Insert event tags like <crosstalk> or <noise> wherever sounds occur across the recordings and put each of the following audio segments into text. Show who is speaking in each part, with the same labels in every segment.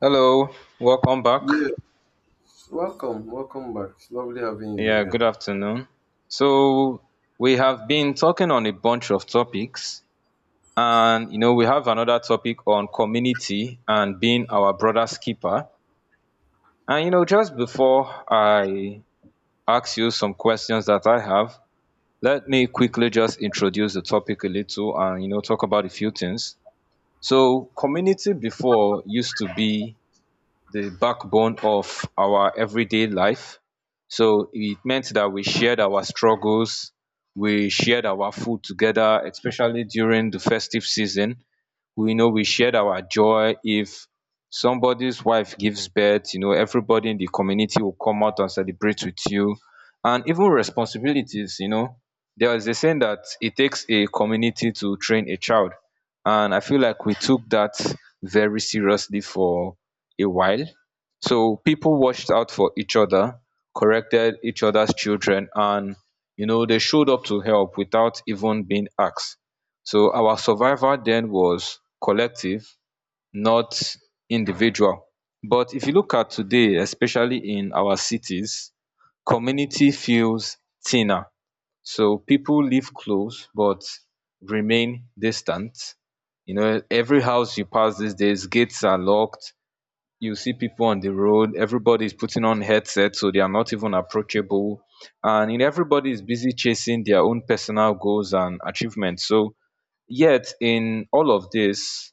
Speaker 1: Hello, welcome back.
Speaker 2: Yes, welcome, back. It's lovely having you
Speaker 1: Yeah, good
Speaker 2: again.
Speaker 1: afternoon. So, we have been talking on a bunch of topics, and you know, we have another topic on community and being our brother's keeper. And you know, just before I ask you some questions that I have, let me quickly just introduce the topic a little and you know, talk about a few things. So, community before used to be the backbone of our everyday life. So it meant that we shared our struggles, we shared our food together, especially during the festive season we know we shared our joy. If somebody's wife gives birth, you know, everybody in the community will come out and celebrate with you, and even responsibilities. You know, there is a saying that it takes a community to train a child, and I feel like we took that very seriously for a while. So people watched out for each other, corrected each other's children, and you know, they showed up to help without even being asked. So our survival then was collective, not individual. But if you look at today, especially in our cities, community feels thinner. So people live close but remain distant. You know, every house you pass these days, gates are locked. You see people on the road, everybody is putting on headsets, so they are not even approachable. And you know, everybody is busy chasing their own personal goals and achievements. So yet in all of this,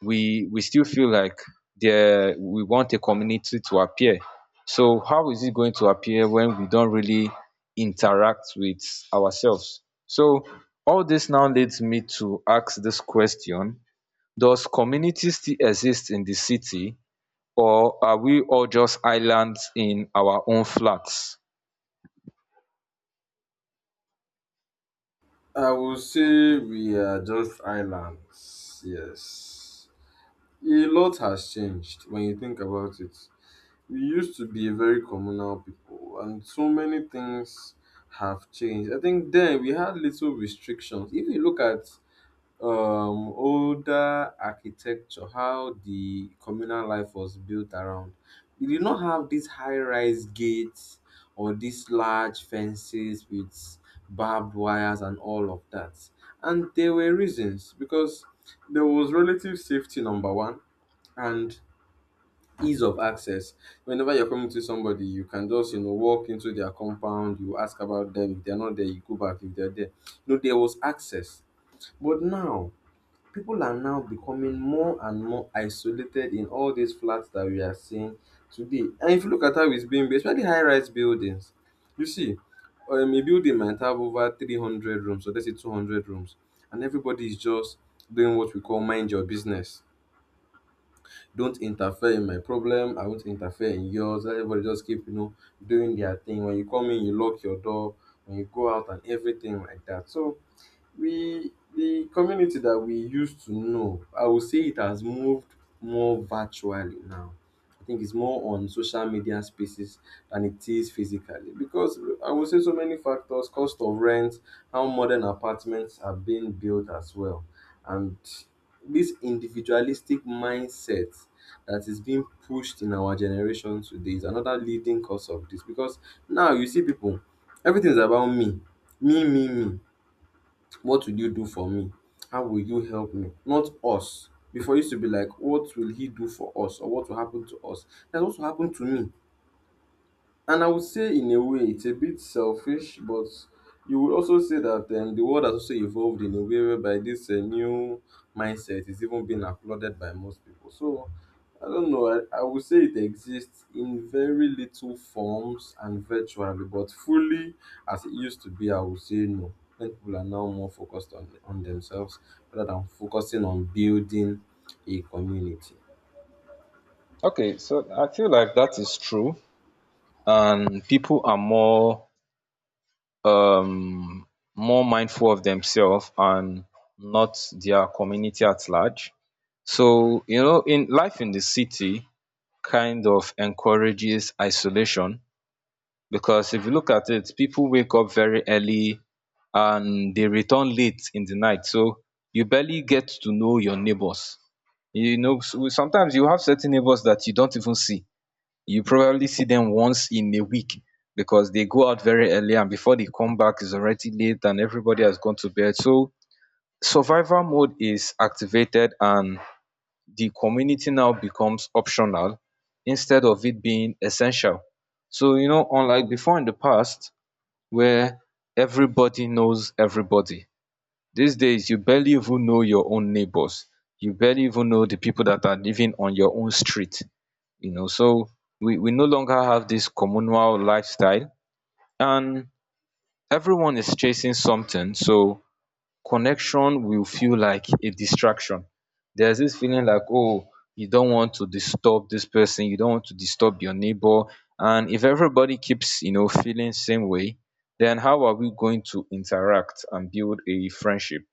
Speaker 1: we still feel like there we want a community to appear. So how is it going to appear when we don't really interact with ourselves? So all this now leads me to ask this question. Does community still exist in the city, or are we all just islands in our own flats?
Speaker 2: I will say we are just islands. Yes, a lot has changed when you think about it. We used to be a very communal people, and so many things have changed. I think then we had little restrictions. If you look at older architecture, how the communal life was built around, we did not have these high-rise gates or these large fences with barbed wires and all of that. And there were reasons, because there was relative safety, number one, and ease of access. Whenever you're coming to somebody, you can just, you know, walk into their compound, you ask about them, if they're not there you go back, if they're there, no, there was access. But now people are now becoming more and more isolated in all these flats that we are seeing today. And if you look at how it's being built, especially high-rise buildings, you see, a building might have over 300 rooms, so let's say 200 rooms, and everybody is just doing what we call mind your business. Don't interfere in my problem, I won't interfere in yours. Let everybody just keep, you know, doing their thing. When you come in, you lock your door. When you go out and everything like that. So, we the community that we used to know, I would say it has moved more virtually now. I think it's more on social media spaces than it is physically, because I would say so many factors: cost of rent, how modern apartments are being built as well, and this individualistic mindset that is being pushed in our generation today is another leading cause of this. Because now you see people, everything is about me, me. What will you do for me? How will you help me? Not us. Before, it used to be like, what will he do for us? Or what will happen to us? That's what will happen to me. And I would say in a way it's a bit selfish, but you would also say that, the world has also evolved in a way whereby this new mindset is even being applauded by most people. So I don't know. I would say it exists in very little forms and virtually, but fully as it used to be, I would say no. Many people are now more focused on themselves rather than focusing on building a community.
Speaker 1: Okay, so I feel like that is true, and people are more um more mindful of themselves and not their community at large. So, you know, in life in the city kind of encourages isolation, because if you look at it, people wake up very early and they return late in the night. So you barely get to know your neighbors. You know, so sometimes you have certain neighbors that you don't even see. You probably see them once in a week, because they go out very early and before they come back it's already late and everybody has gone to bed. So survival mode is activated and the community now becomes optional instead of it being essential. So you know, unlike before in the past, where everybody knows everybody, these days you barely even know your own neighbors. You barely even know the people that are living on your own street. You know, so we no longer have this communal lifestyle, and everyone is chasing something. So connection will feel like a distraction. There's this feeling like, oh, you don't want to disturb this person, you don't want to disturb your neighbor. And if everybody keeps you know feeling same way, then how are we going to interact and build a friendship?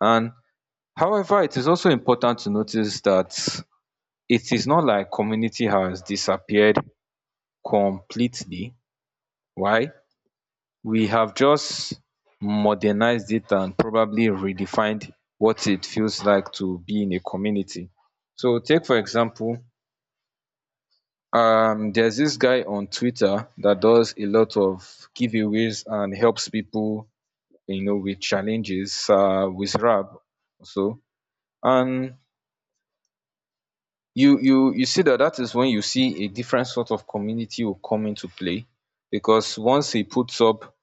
Speaker 1: And However, it is also important to notice that it is not like community has disappeared completely. Why? We have just modernized it and probably redefined what it feels like to be in a community. So take for example, there's this guy on Twitter that does a lot of giveaways and helps people, you know, with challenges, with Rab. So, and you see that that is when you see a different sort of community will come into play, because once he puts up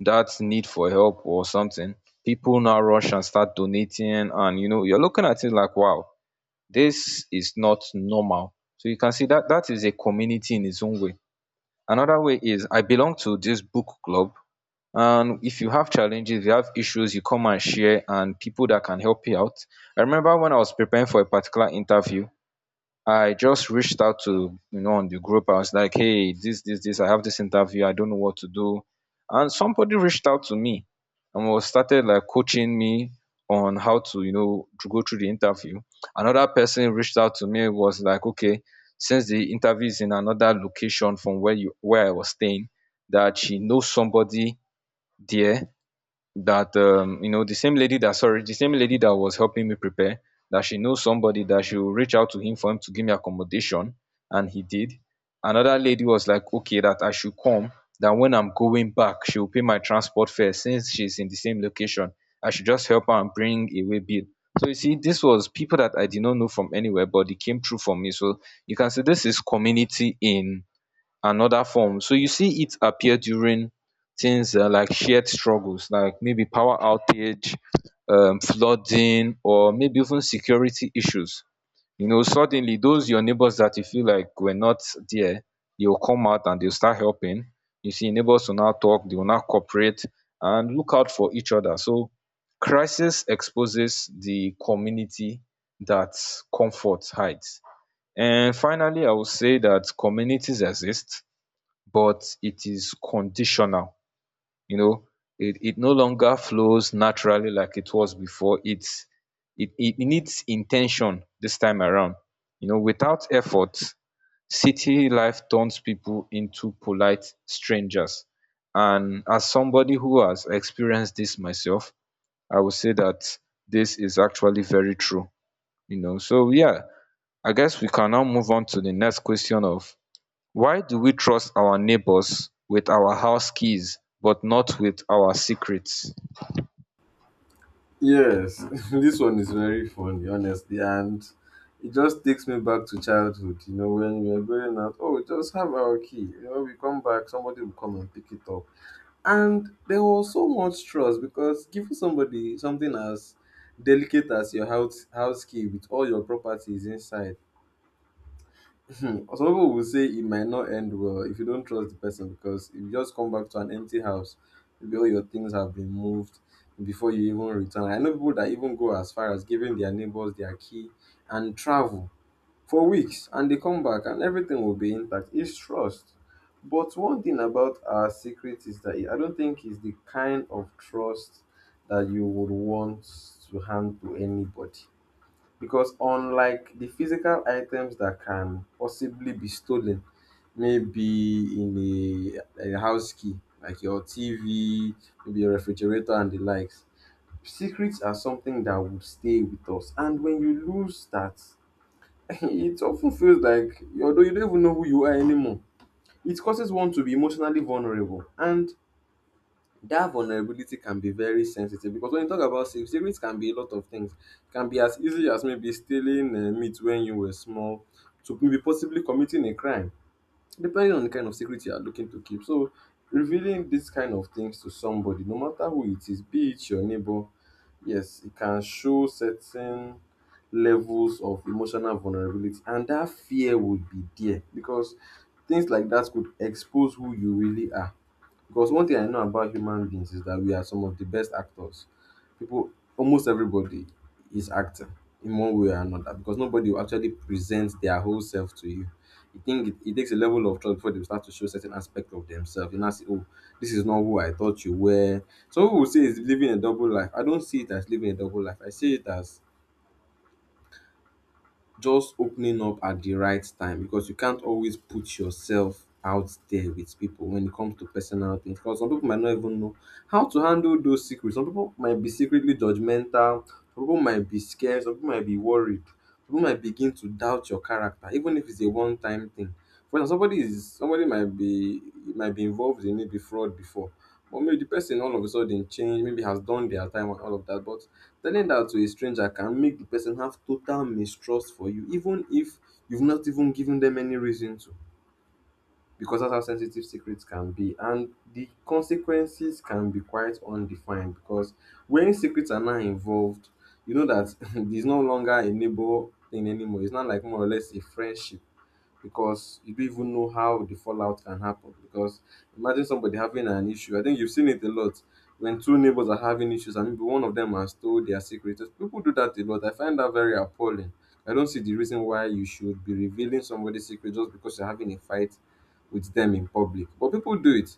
Speaker 1: that need for help or something, people now rush and start donating. And you know, you're looking at it like, wow, this is not normal. So you can see that that is a community in its own way. Another way is I belong to this book club. And if you have challenges, you have issues, you come and share, and people that can help you out. I remember when I was preparing for a particular interview, I just reached out to you know on the group. I was like, hey, this, I have this interview, I don't know what to do. And somebody reached out to me and was started like coaching me on how to, you know, to go through the interview. Another person reached out to me was like, okay, since the interview is in another location from where you where I was staying, that she knows somebody there, that you know the same lady that sorry the same lady that was helping me prepare, that she knows somebody that she will reach out to him for him to give me accommodation, and he did. Another lady was like, okay, that I should come, that when I'm going back she will pay my transport fare since she's in the same location. I should just help her and bring away bill. So you see, this was people that I did not know from anywhere, but they came through for me. So you can see this is community in and other form. So you see it appear during things like shared struggles, like maybe power outage, flooding, or maybe even security issues. You know, suddenly those your neighbors that you feel like were not there, they'll come out and they'll start helping. You see, neighbors will now talk, they will now cooperate and look out for each other. So crisis exposes the community that comfort hides. And finally, I will say that communities exist but it is conditional. You know, it no longer flows naturally like it was before. It's it needs intention this time around. You know, without effort, city life turns people into polite strangers. And as somebody who has experienced this myself, I would say that this is actually very true. You know, so yeah, I guess we can now move on to the next question of why do we trust our neighbors with our house keys but not with our secrets.
Speaker 2: Yes, <laughs> this one is very funny, honestly, and it just takes me back to childhood. You know, when we were going out, oh, just have our key. You know, we come back, somebody will come and pick it up. And there was so much trust, because giving somebody something as delicate as your house key with all your properties inside. Hmm. Some people will say it might not end well if you don't trust the person, because if you just come back to an empty house, maybe all your things have been moved before you even return. I know people that even go as far as giving their neighbors their key and travel for weeks, and they come back and everything will be intact. It's trust. But one thing about our secret is that I don't think it's the kind of trust that you would want to hand to anybody, because unlike the physical items that can possibly be stolen, maybe in a house key, like your TV, maybe your refrigerator, and the likes, secrets are something that would stay with us. And when you lose that, <laughs> it often feels like you, although, you don't even know who you are anymore. It causes one to be emotionally vulnerable, and that vulnerability can be very sensitive. Because when you talk about safe savings, can be a lot of things. It can be as easy as maybe stealing, meat when you were small, to maybe possibly committing a crime, depending on the kind of secret you are looking to keep. So revealing this kind of things to somebody, no matter who it is, be it your neighbor, yes, it can show certain levels of emotional vulnerability, and that fear would be there, because things like that could expose who you really are. Because one thing I know about human beings is that we are some of the best actors. People, almost everybody is acting in one way or another, because nobody will actually present their whole self to you. You think it takes a level of trust before they will start to show certain aspect of themselves. You now say, oh, this is not who I thought you were. Some people will say it's living a double life. I don't see it as living a double life. I see it as just opening up at the right time, because you can't always put yourself out there with people when it comes to personal things, because some people might not even know how to handle those secrets. Some people might be secretly judgmental, some people might be scared, some people might be worried, some people might begin to doubt your character, even if it's a one time thing. For example, somebody might be, might be involved in maybe fraud before, but maybe the person all of a sudden change, maybe has done their time and all of that. But telling that to a stranger can make the person have total mistrust for you, even if you've not even given them any reason to, because that's how sensitive secrets can be. And the consequences can be quite undefined, because when secrets are now involved, you know that <laughs> there's no longer a neighbor thing anymore. It's not like more or less a friendship, because you don't even know how the fallout can happen. Because imagine somebody having an issue. I think you've seen it a lot when two neighbors are having issues, and maybe one of them has told their secret. People do that a lot. I find that very appalling. I don't see the reason why you should be revealing somebody's secret just because you're having a fight with them in public. But people do it.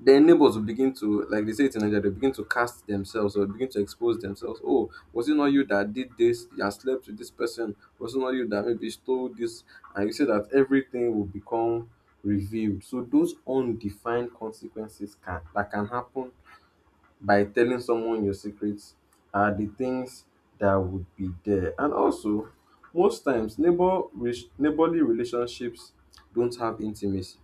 Speaker 2: Then neighbors will begin to, like they say it in Nigeria, they begin to cast themselves or begin to expose themselves. Oh, was it not you that did this? You slept with this person. Was it not you that maybe stole this? And you say that everything will become revealed. So those undefined consequences can that can happen by telling someone your secrets are the things that would be there. And also, most times neighborly relationships don't have intimacy,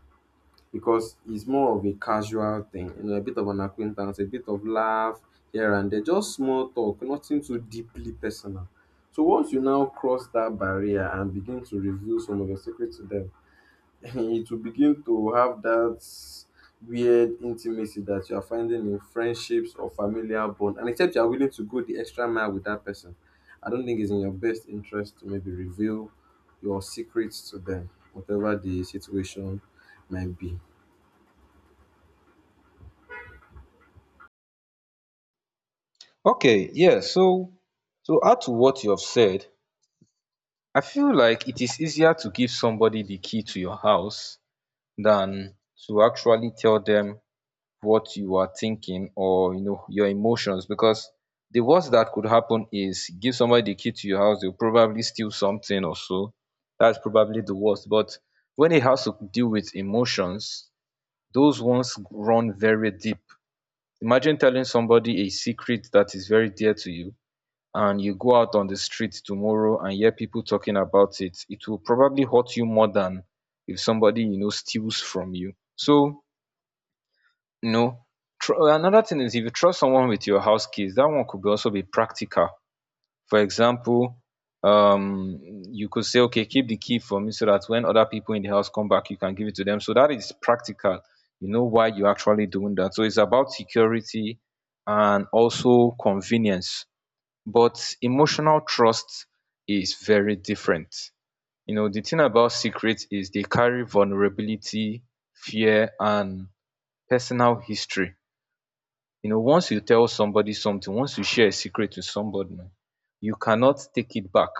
Speaker 2: because it's more of a casual thing, you know, a bit of an acquaintance, a bit of laugh here and there, just small talk, nothing too deeply personal. So once you now cross that barrier and begin to reveal some of your secrets to them, <laughs> it will begin to have that weird intimacy that you are finding in friendships or familial bond. And except you are willing to go the extra mile with that person, I don't think it's in your best interest to maybe reveal your secrets to them, whatever the situation might be.
Speaker 1: Okay, yes. So to add to what you have said, I feel like it is easier to give somebody the key to your house than to actually tell them what you are thinking or you know your emotions, because the worst that could happen is give somebody the key to your house, they'll probably steal something or so. That's probably the worst. But when it has to deal with emotions, those ones run very deep. Imagine telling somebody a secret that is very dear to you and you go out on the street tomorrow and hear people talking about it. It will probably hurt you more than if somebody you know steals from you. So, you know, another thing is, if you trust someone with your house keys, that one could be also be practical. For example, um, you could say, okay, keep the key for me so that when other people in the house come back, you can give it to them. So that is practical. You know why you're actually doing that. So it's about security and also convenience. But emotional trust is very different. You know, the thing about secrets is they carry vulnerability, fear, and personal history. You know, once you tell somebody something, once you share a secret with somebody, you cannot take it back,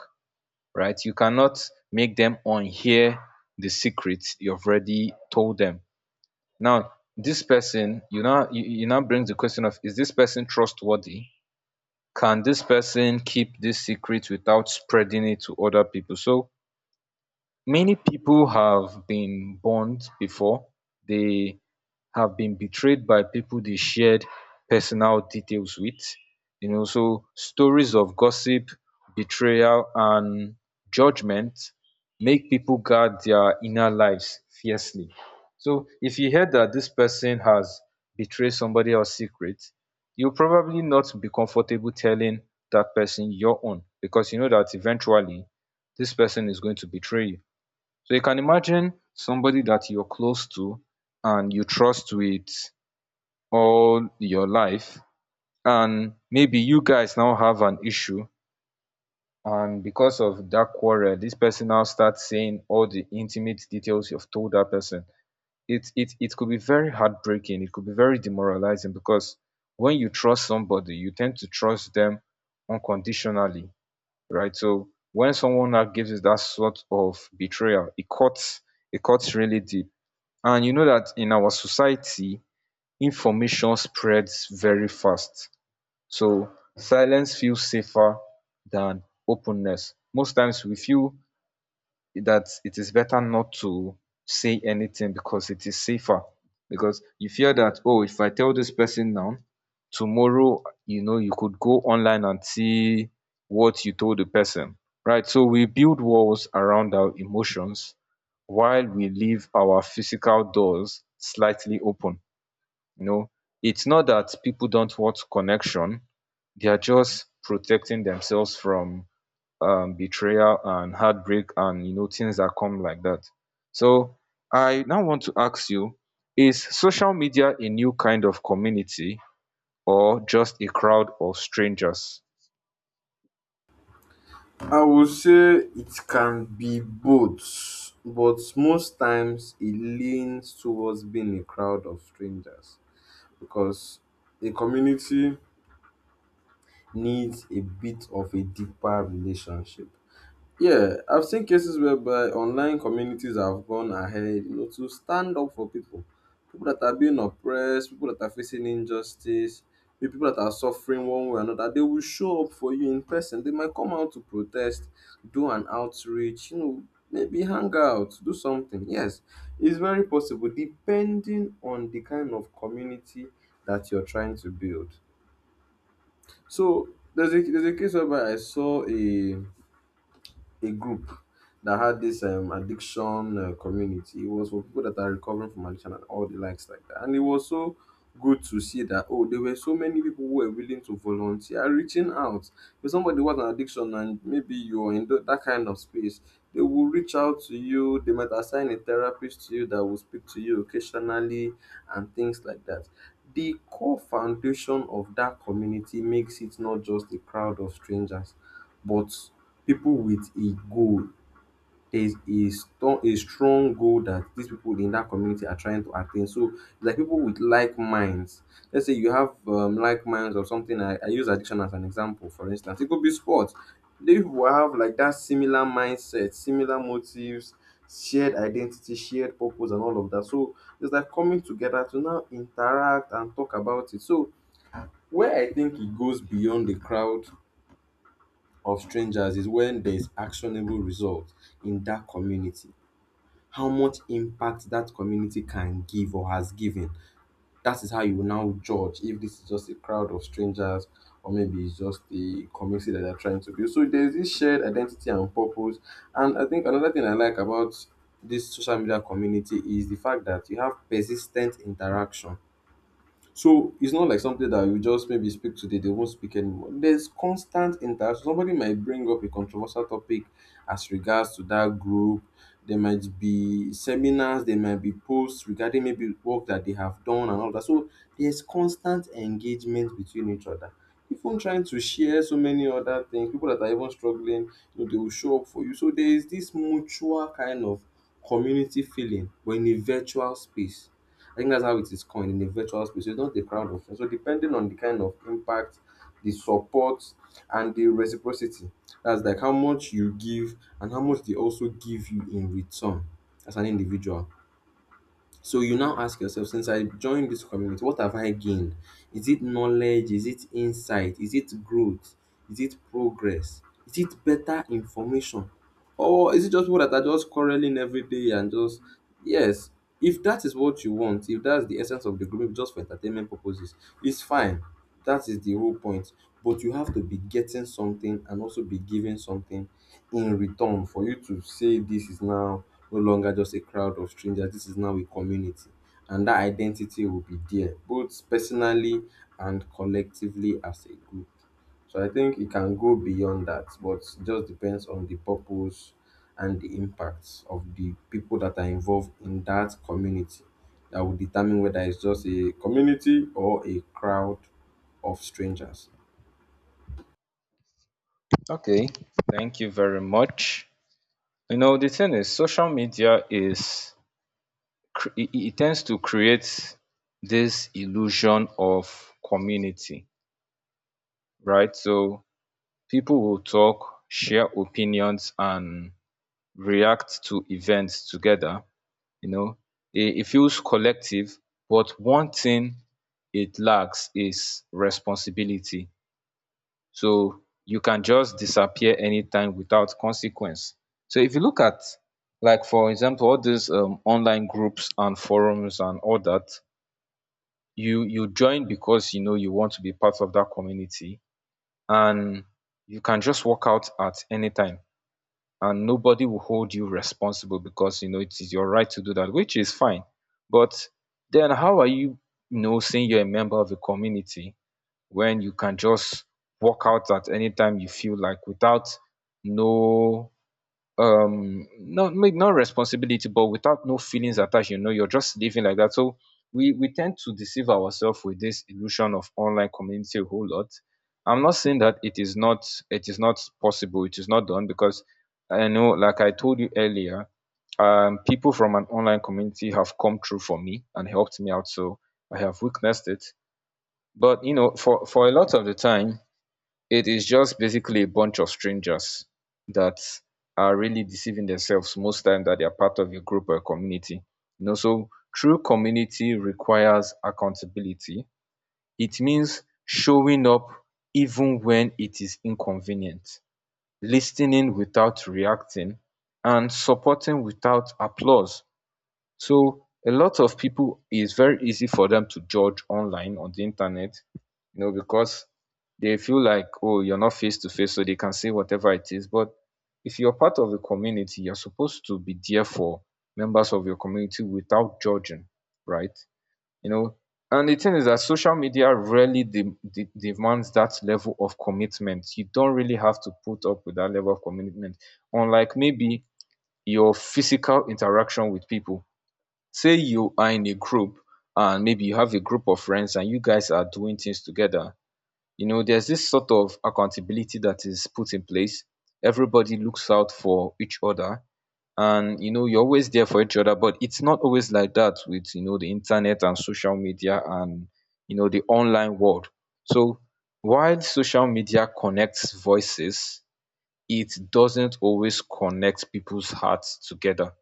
Speaker 1: right? You cannot make them unhear the secret you've already told them. Now, this person, you know, you now brings the question of, is this person trustworthy? Can this person keep this secret without spreading it to other people? So many people have been burned before. They have been betrayed by people they shared personal details with. You know, so stories of gossip, betrayal, and judgment make people guard their inner lives fiercely. So, if you hear that this person has betrayed somebody else's secret, you'll probably not be comfortable telling that person your own, because you know that eventually this person is going to betray you. So you can imagine somebody that you're close to and you trust with all your life, and maybe you guys now have an issue, and because of that quarrel, this person now starts saying all the intimate details you've told that person. It could be very heartbreaking. It could be very demoralizing, because when you trust somebody, you tend to trust them unconditionally, right? So when someone now gives you that sort of betrayal, it cuts, it cuts really deep. And you know that in our society information spreads very fast, so silence feels safer than openness. Most times we feel that it is better not to say anything because it is safer. Because you fear that, oh, if I tell this person now, tomorrow, you know, you could go online and see what you told the person, right? So we build walls around our emotions while we leave our physical doors slightly open. You know, it's not that people don't want connection, they are just protecting themselves from betrayal and heartbreak and things that come like that. So I now want to ask you, is social media a new kind of community or just a crowd of strangers?
Speaker 2: I would say it can be both, but most times it leans towards being a crowd of strangers, because a community needs a bit of a deeper relationship. Yeah, I've seen cases whereby online communities have gone ahead, you know, to stand up for people. People that are being oppressed, people that are facing injustice, the people that are suffering one way or another, they will show up for you in person. They might come out to protest, do an outreach, you know, maybe hang out, do something. Yes, it's very possible depending on the kind of community that you're trying to build. So there's a case whereby I saw a group that had this addiction, community. It was for people that are recovering from addiction and all the likes like that. And it was so good to see that, oh, there were so many people who were willing to volunteer, reaching out. If somebody was an addiction and maybe you're in that kind of space, they will reach out to you. They might assign a therapist to you that will speak to you occasionally and things like that. The core foundation of that community makes it not just a crowd of strangers, but people with a goal. There's a strong goal that these people in that community are trying to attain, so like people with like minds. Let's say you have like minds or something. I use addiction as an example, for instance it could be sports. These people have like that similar mindset, similar motives, shared identity, shared purpose and all of that. So it's like coming together to now interact and talk about it. So where I think it goes beyond the crowd of strangers is when there's actionable result in that community. How much impact that community can give or has given. That is how you will now judge if this is just a crowd of strangers or maybe it's just a community that they're trying to build. So there's this shared identity and purpose. And I think another thing I like about this social media community is the fact that you have persistent interaction. So it's not like something that you just maybe speak today, they won't speak anymore. There's constant interaction. Somebody might bring up a controversial topic as regards to that group. There might be seminars, there might be posts regarding maybe work that they have done and all that. So there's constant engagement between each other. Even trying to share so many other things, people that are even struggling, they will show up for you. So there is this mutual kind of community feeling, but in a virtual space. I think that's how it is coined in a virtual space. So it's not a crowd of friends. So depending on the kind of impact, the support, and the reciprocity, that's like how much you give and how much they also give you in return as an individual. So you now ask yourself, since I joined this community, what have I gained? Is it knowledge? Is it insight? Is it growth? Is it progress? Is it better information? Or is it just people that are just quarreling every day and just, yes, if that is what you want, if that's the essence of the group, just for entertainment purposes, it's fine. That is the whole point. But you have to be getting something and also be giving something in return for you to say this is now no longer just a crowd of strangers, this is now a community. And that identity will be there, both personally and collectively as a group. So I think it can go beyond that, but it just depends on the purpose and the impacts of the people that are involved in that community that will determine whether it's just a community or a crowd of strangers.
Speaker 1: Okay, thank you very much. You know, the thing is, social media is cr- it tends to create this illusion of community, right? So people will talk, share opinions, and react to events together. you know. It feels collective, but one thing it lacks is responsibility. So you can just disappear anytime without consequence. So if you look at, like, for example, all these online groups and forums and all that, you join because you know you want to be part of that community, and you can just walk out at any time, and nobody will hold you responsible because you know it is your right to do that, which is fine. But then how are you, you know, saying you're a member of a community when you can just walk out at any time you feel like without no, not, maybe not responsibility, but without no feelings attached? You know, you're just living like that. So we tend to deceive ourselves with this illusion of online community a whole lot. I'm not saying that it is not, it is not possible, it is not done, because I know, like I told you earlier, people from an online community have come through for me and helped me out, so I have witnessed it. But you know, for a lot of the time, it is just basically a bunch of strangers that are really deceiving themselves most times that they are part of a group or a community, you know. So true community requires accountability. It means showing up even when it is inconvenient, listening without reacting, and supporting without applause. So a lot of people, it's very easy for them to judge online on the internet, you know, because they feel like, oh, you're not face to face, so they can say whatever it is. But if you're part of a community, you're supposed to be there for members of your community without judging, right? You know, and the thing is that social media rarely demands that level of commitment. You don't really have to put up with that level of commitment, unlike maybe your physical interaction with people. Say you are in a group, and maybe you have a group of friends and you guys are doing things together, you know there's this sort of accountability that is put in place. Everybody looks out for each other, and you know you're always there for each other. But it's not always like that with, you know, the internet and social media and, you know, the online world. So while social media connects voices, it doesn't always connect people's hearts together.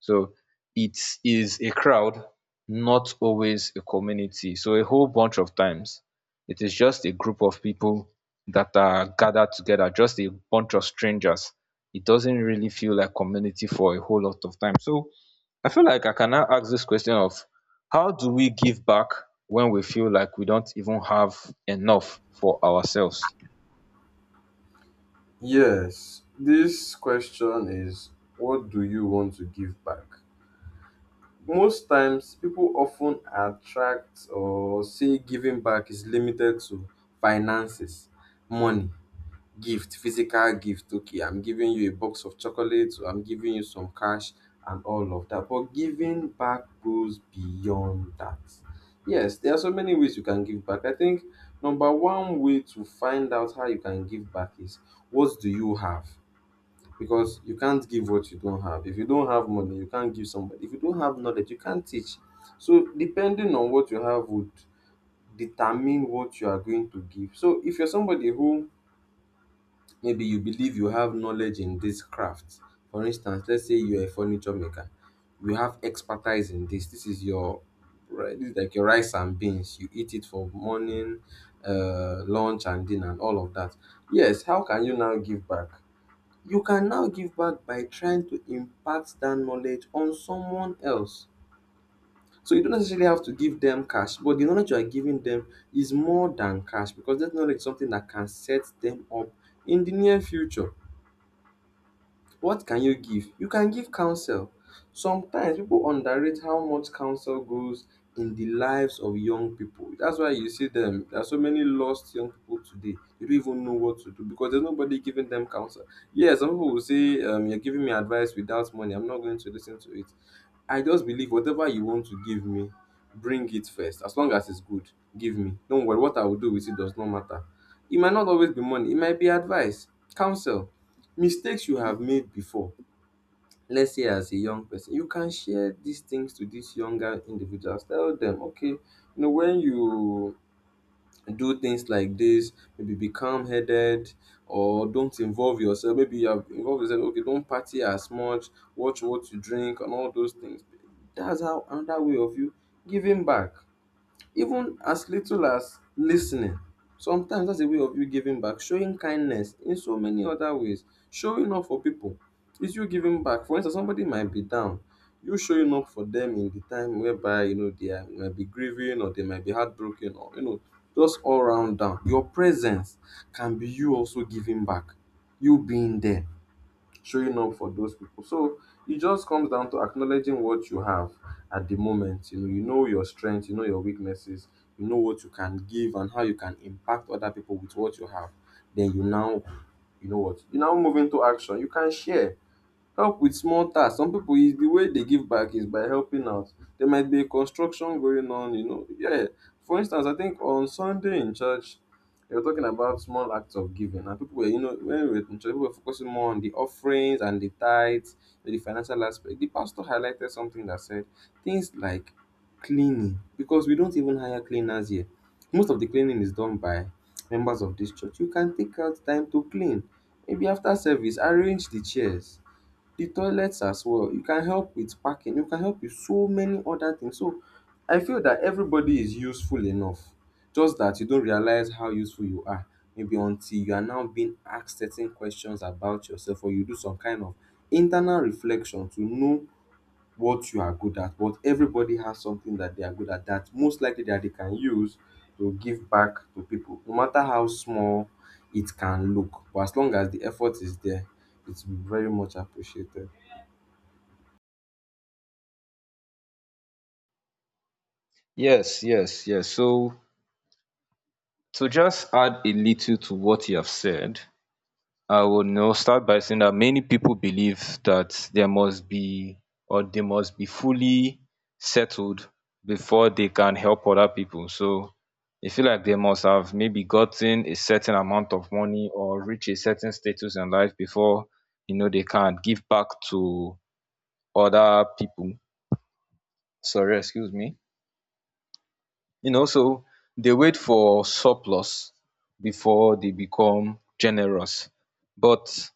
Speaker 1: So it is a crowd, not always a community. So a whole bunch of times, it is just a group of people that are gathered together, just a bunch of strangers. It doesn't really feel like community for a whole lot of time. So I feel like I can now ask this question of, how do we give back when we feel like we don't even have enough for ourselves?
Speaker 2: Yes, this question is, what do you want to give back? Most times, people often attract or say giving back is limited to finances, money, gift, physical gift. Okay, I'm giving you a box of chocolates, or I'm giving you some cash, and all of that. But giving back goes beyond that. Yes, there are so many ways you can give back. I think number one way to find out how you can give back is, what do you have? Because you can't give what you don't have. If you don't have money, you can't give somebody. If you don't have knowledge, you can't teach. So depending on what you have would determine what you are going to give. So if you're somebody who maybe you believe you have knowledge in this craft, for instance, let's say you're a furniture maker, you have expertise in this. This is your right, this is like your rice and beans. You eat it for morning, lunch and dinner and all of that. Yes, how can you now give back? You can now give back by trying to impact that knowledge on someone else. So you don't necessarily have to give them cash, but the knowledge you are giving them is more than cash because that knowledge is something that can set them up in the near future. What can you give? You can give counsel. Sometimes people underrate how much counsel goes in the lives of young people. That's why you see them. There are so many lost young people today. They don't even know what to do because there's nobody giving them counsel. Yeah, some people will say, "You're giving me advice without money. I'm not going to listen to it." I just believe whatever you want to give me, bring it first. As long as it's good, give me. Don't worry, what I will do with it does not matter. It might not always be money, it might be advice, counsel, mistakes you have made before. Let's say, as a young person, you can share these things to these younger individuals. Tell them, okay, you know, when you do things like this, maybe be calm headed, or don't involve yourself, maybe you have involved yourself, okay, don't party as much, watch what you drink and all those things. That's how another way of you giving back, even as little as listening, sometimes that's a way of you giving back, showing kindness in so many other ways, showing up for people is you giving back. For instance, somebody might be down, you showing up for them in the time whereby you know they are might be grieving or they might be heartbroken or you know, just all round down, your presence can be you also giving back, you being there, showing up for those people. So it just comes down to acknowledging what you have at the moment. You know your strengths, you know your weaknesses, you know what you can give and how you can impact other people with what you have. Then you now, you know what, you now move into action. You can share. Help with small tasks. Some people is the way they give back is by helping out. There might be a construction going on, you know. Yeah. For instance, I think on Sunday in church, they were talking about small acts of giving. And people were, you know, when we were in church, people were focusing more on the offerings and the tithes, you know, the financial aspect. The pastor highlighted something that said things like cleaning, because we don't even hire cleaners here. Most of the cleaning is done by members of this church. You can take out time to clean. Maybe after service, arrange the chairs, the toilets as well. You can help with parking, you can help with so many other things. So I feel that everybody is useful enough, just that you don't realize how useful you are maybe until you are now being asked certain questions about yourself or you do some kind of internal reflection to know what you are good at. But everybody has something that they are good at that most likely that they can use to give back to people, no matter how small it can look. But as long as the effort is there, it's very much appreciated.
Speaker 1: Yes, yes, yes. So to just add a little to what you have said, I would, you know, start by saying that many people believe that there must be, or they must be fully settled before they can help other people. So they feel like they must have maybe gotten a certain amount of money or reach a certain status in life before, you know, they can give back to other people. Sorry, excuse me. You know, so they wait for surplus before they become generous. But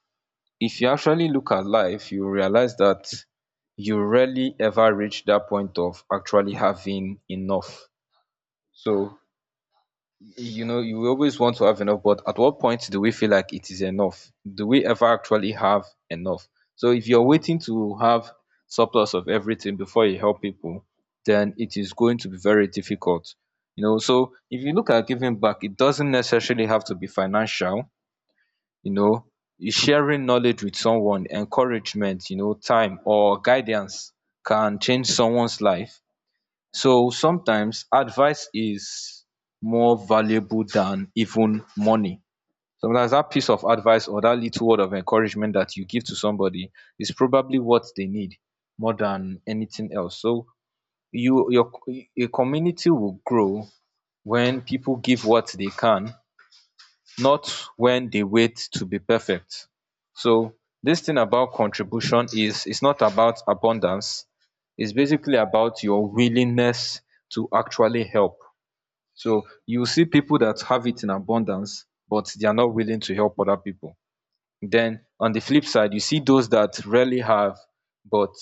Speaker 1: if you actually look at life, you realize that you rarely ever reach that point of actually having enough. So, you know, you always want to have enough, but at what point do we feel like it is enough? Do we ever actually have enough? So if you're waiting to have surplus of everything before you help people, then it is going to be very difficult. You know, so if you look at giving back, it doesn't necessarily have to be financial. You know, sharing knowledge with someone, encouragement, you know, time or guidance can change someone's life. So sometimes advice is more valuable than even money. Sometimes that piece of advice or that little word of encouragement that you give to somebody is probably what they need more than anything else. So you your a community will grow when people give what they can, not when they wait to be perfect. So this thing about contribution is, it's not about abundance. It's basically about your willingness to actually help. So you see people that have it in abundance, but they are not willing to help other people. Then on the flip side you see those that rarely have, but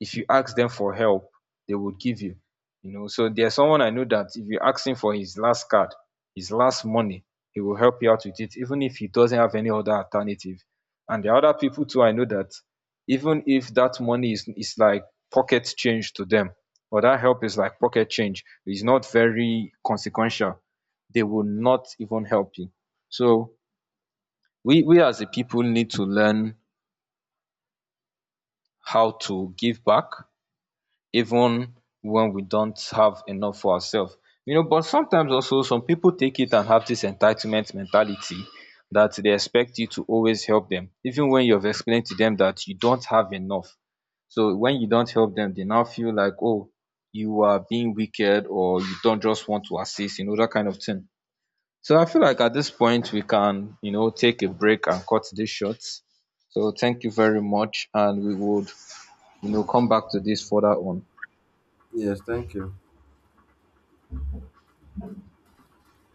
Speaker 1: if you ask them for help, they will give you. You know, so there's someone I know that if you ask him for his last card, his last money, he will help you out with it even if he doesn't have any other alternative. And the other people too, I know that even if that money is like pocket change to them, or that help is like pocket change, it's not very consequential, they will not even help you. So we as a people need to learn how to give back even when we don't have enough for ourselves. You know, but sometimes also some people take it and have this entitlement mentality, that they expect you to always help them even when you've explained to them that you don't have enough. So when you don't help them, they now feel like, oh, you are being wicked, or you don't just want to assist, you know, that kind of thing. So I feel like at this point we can, you know, take a break and cut this short. So thank you very much, and we would, you know, come back to this further on.
Speaker 2: Yes, thank you.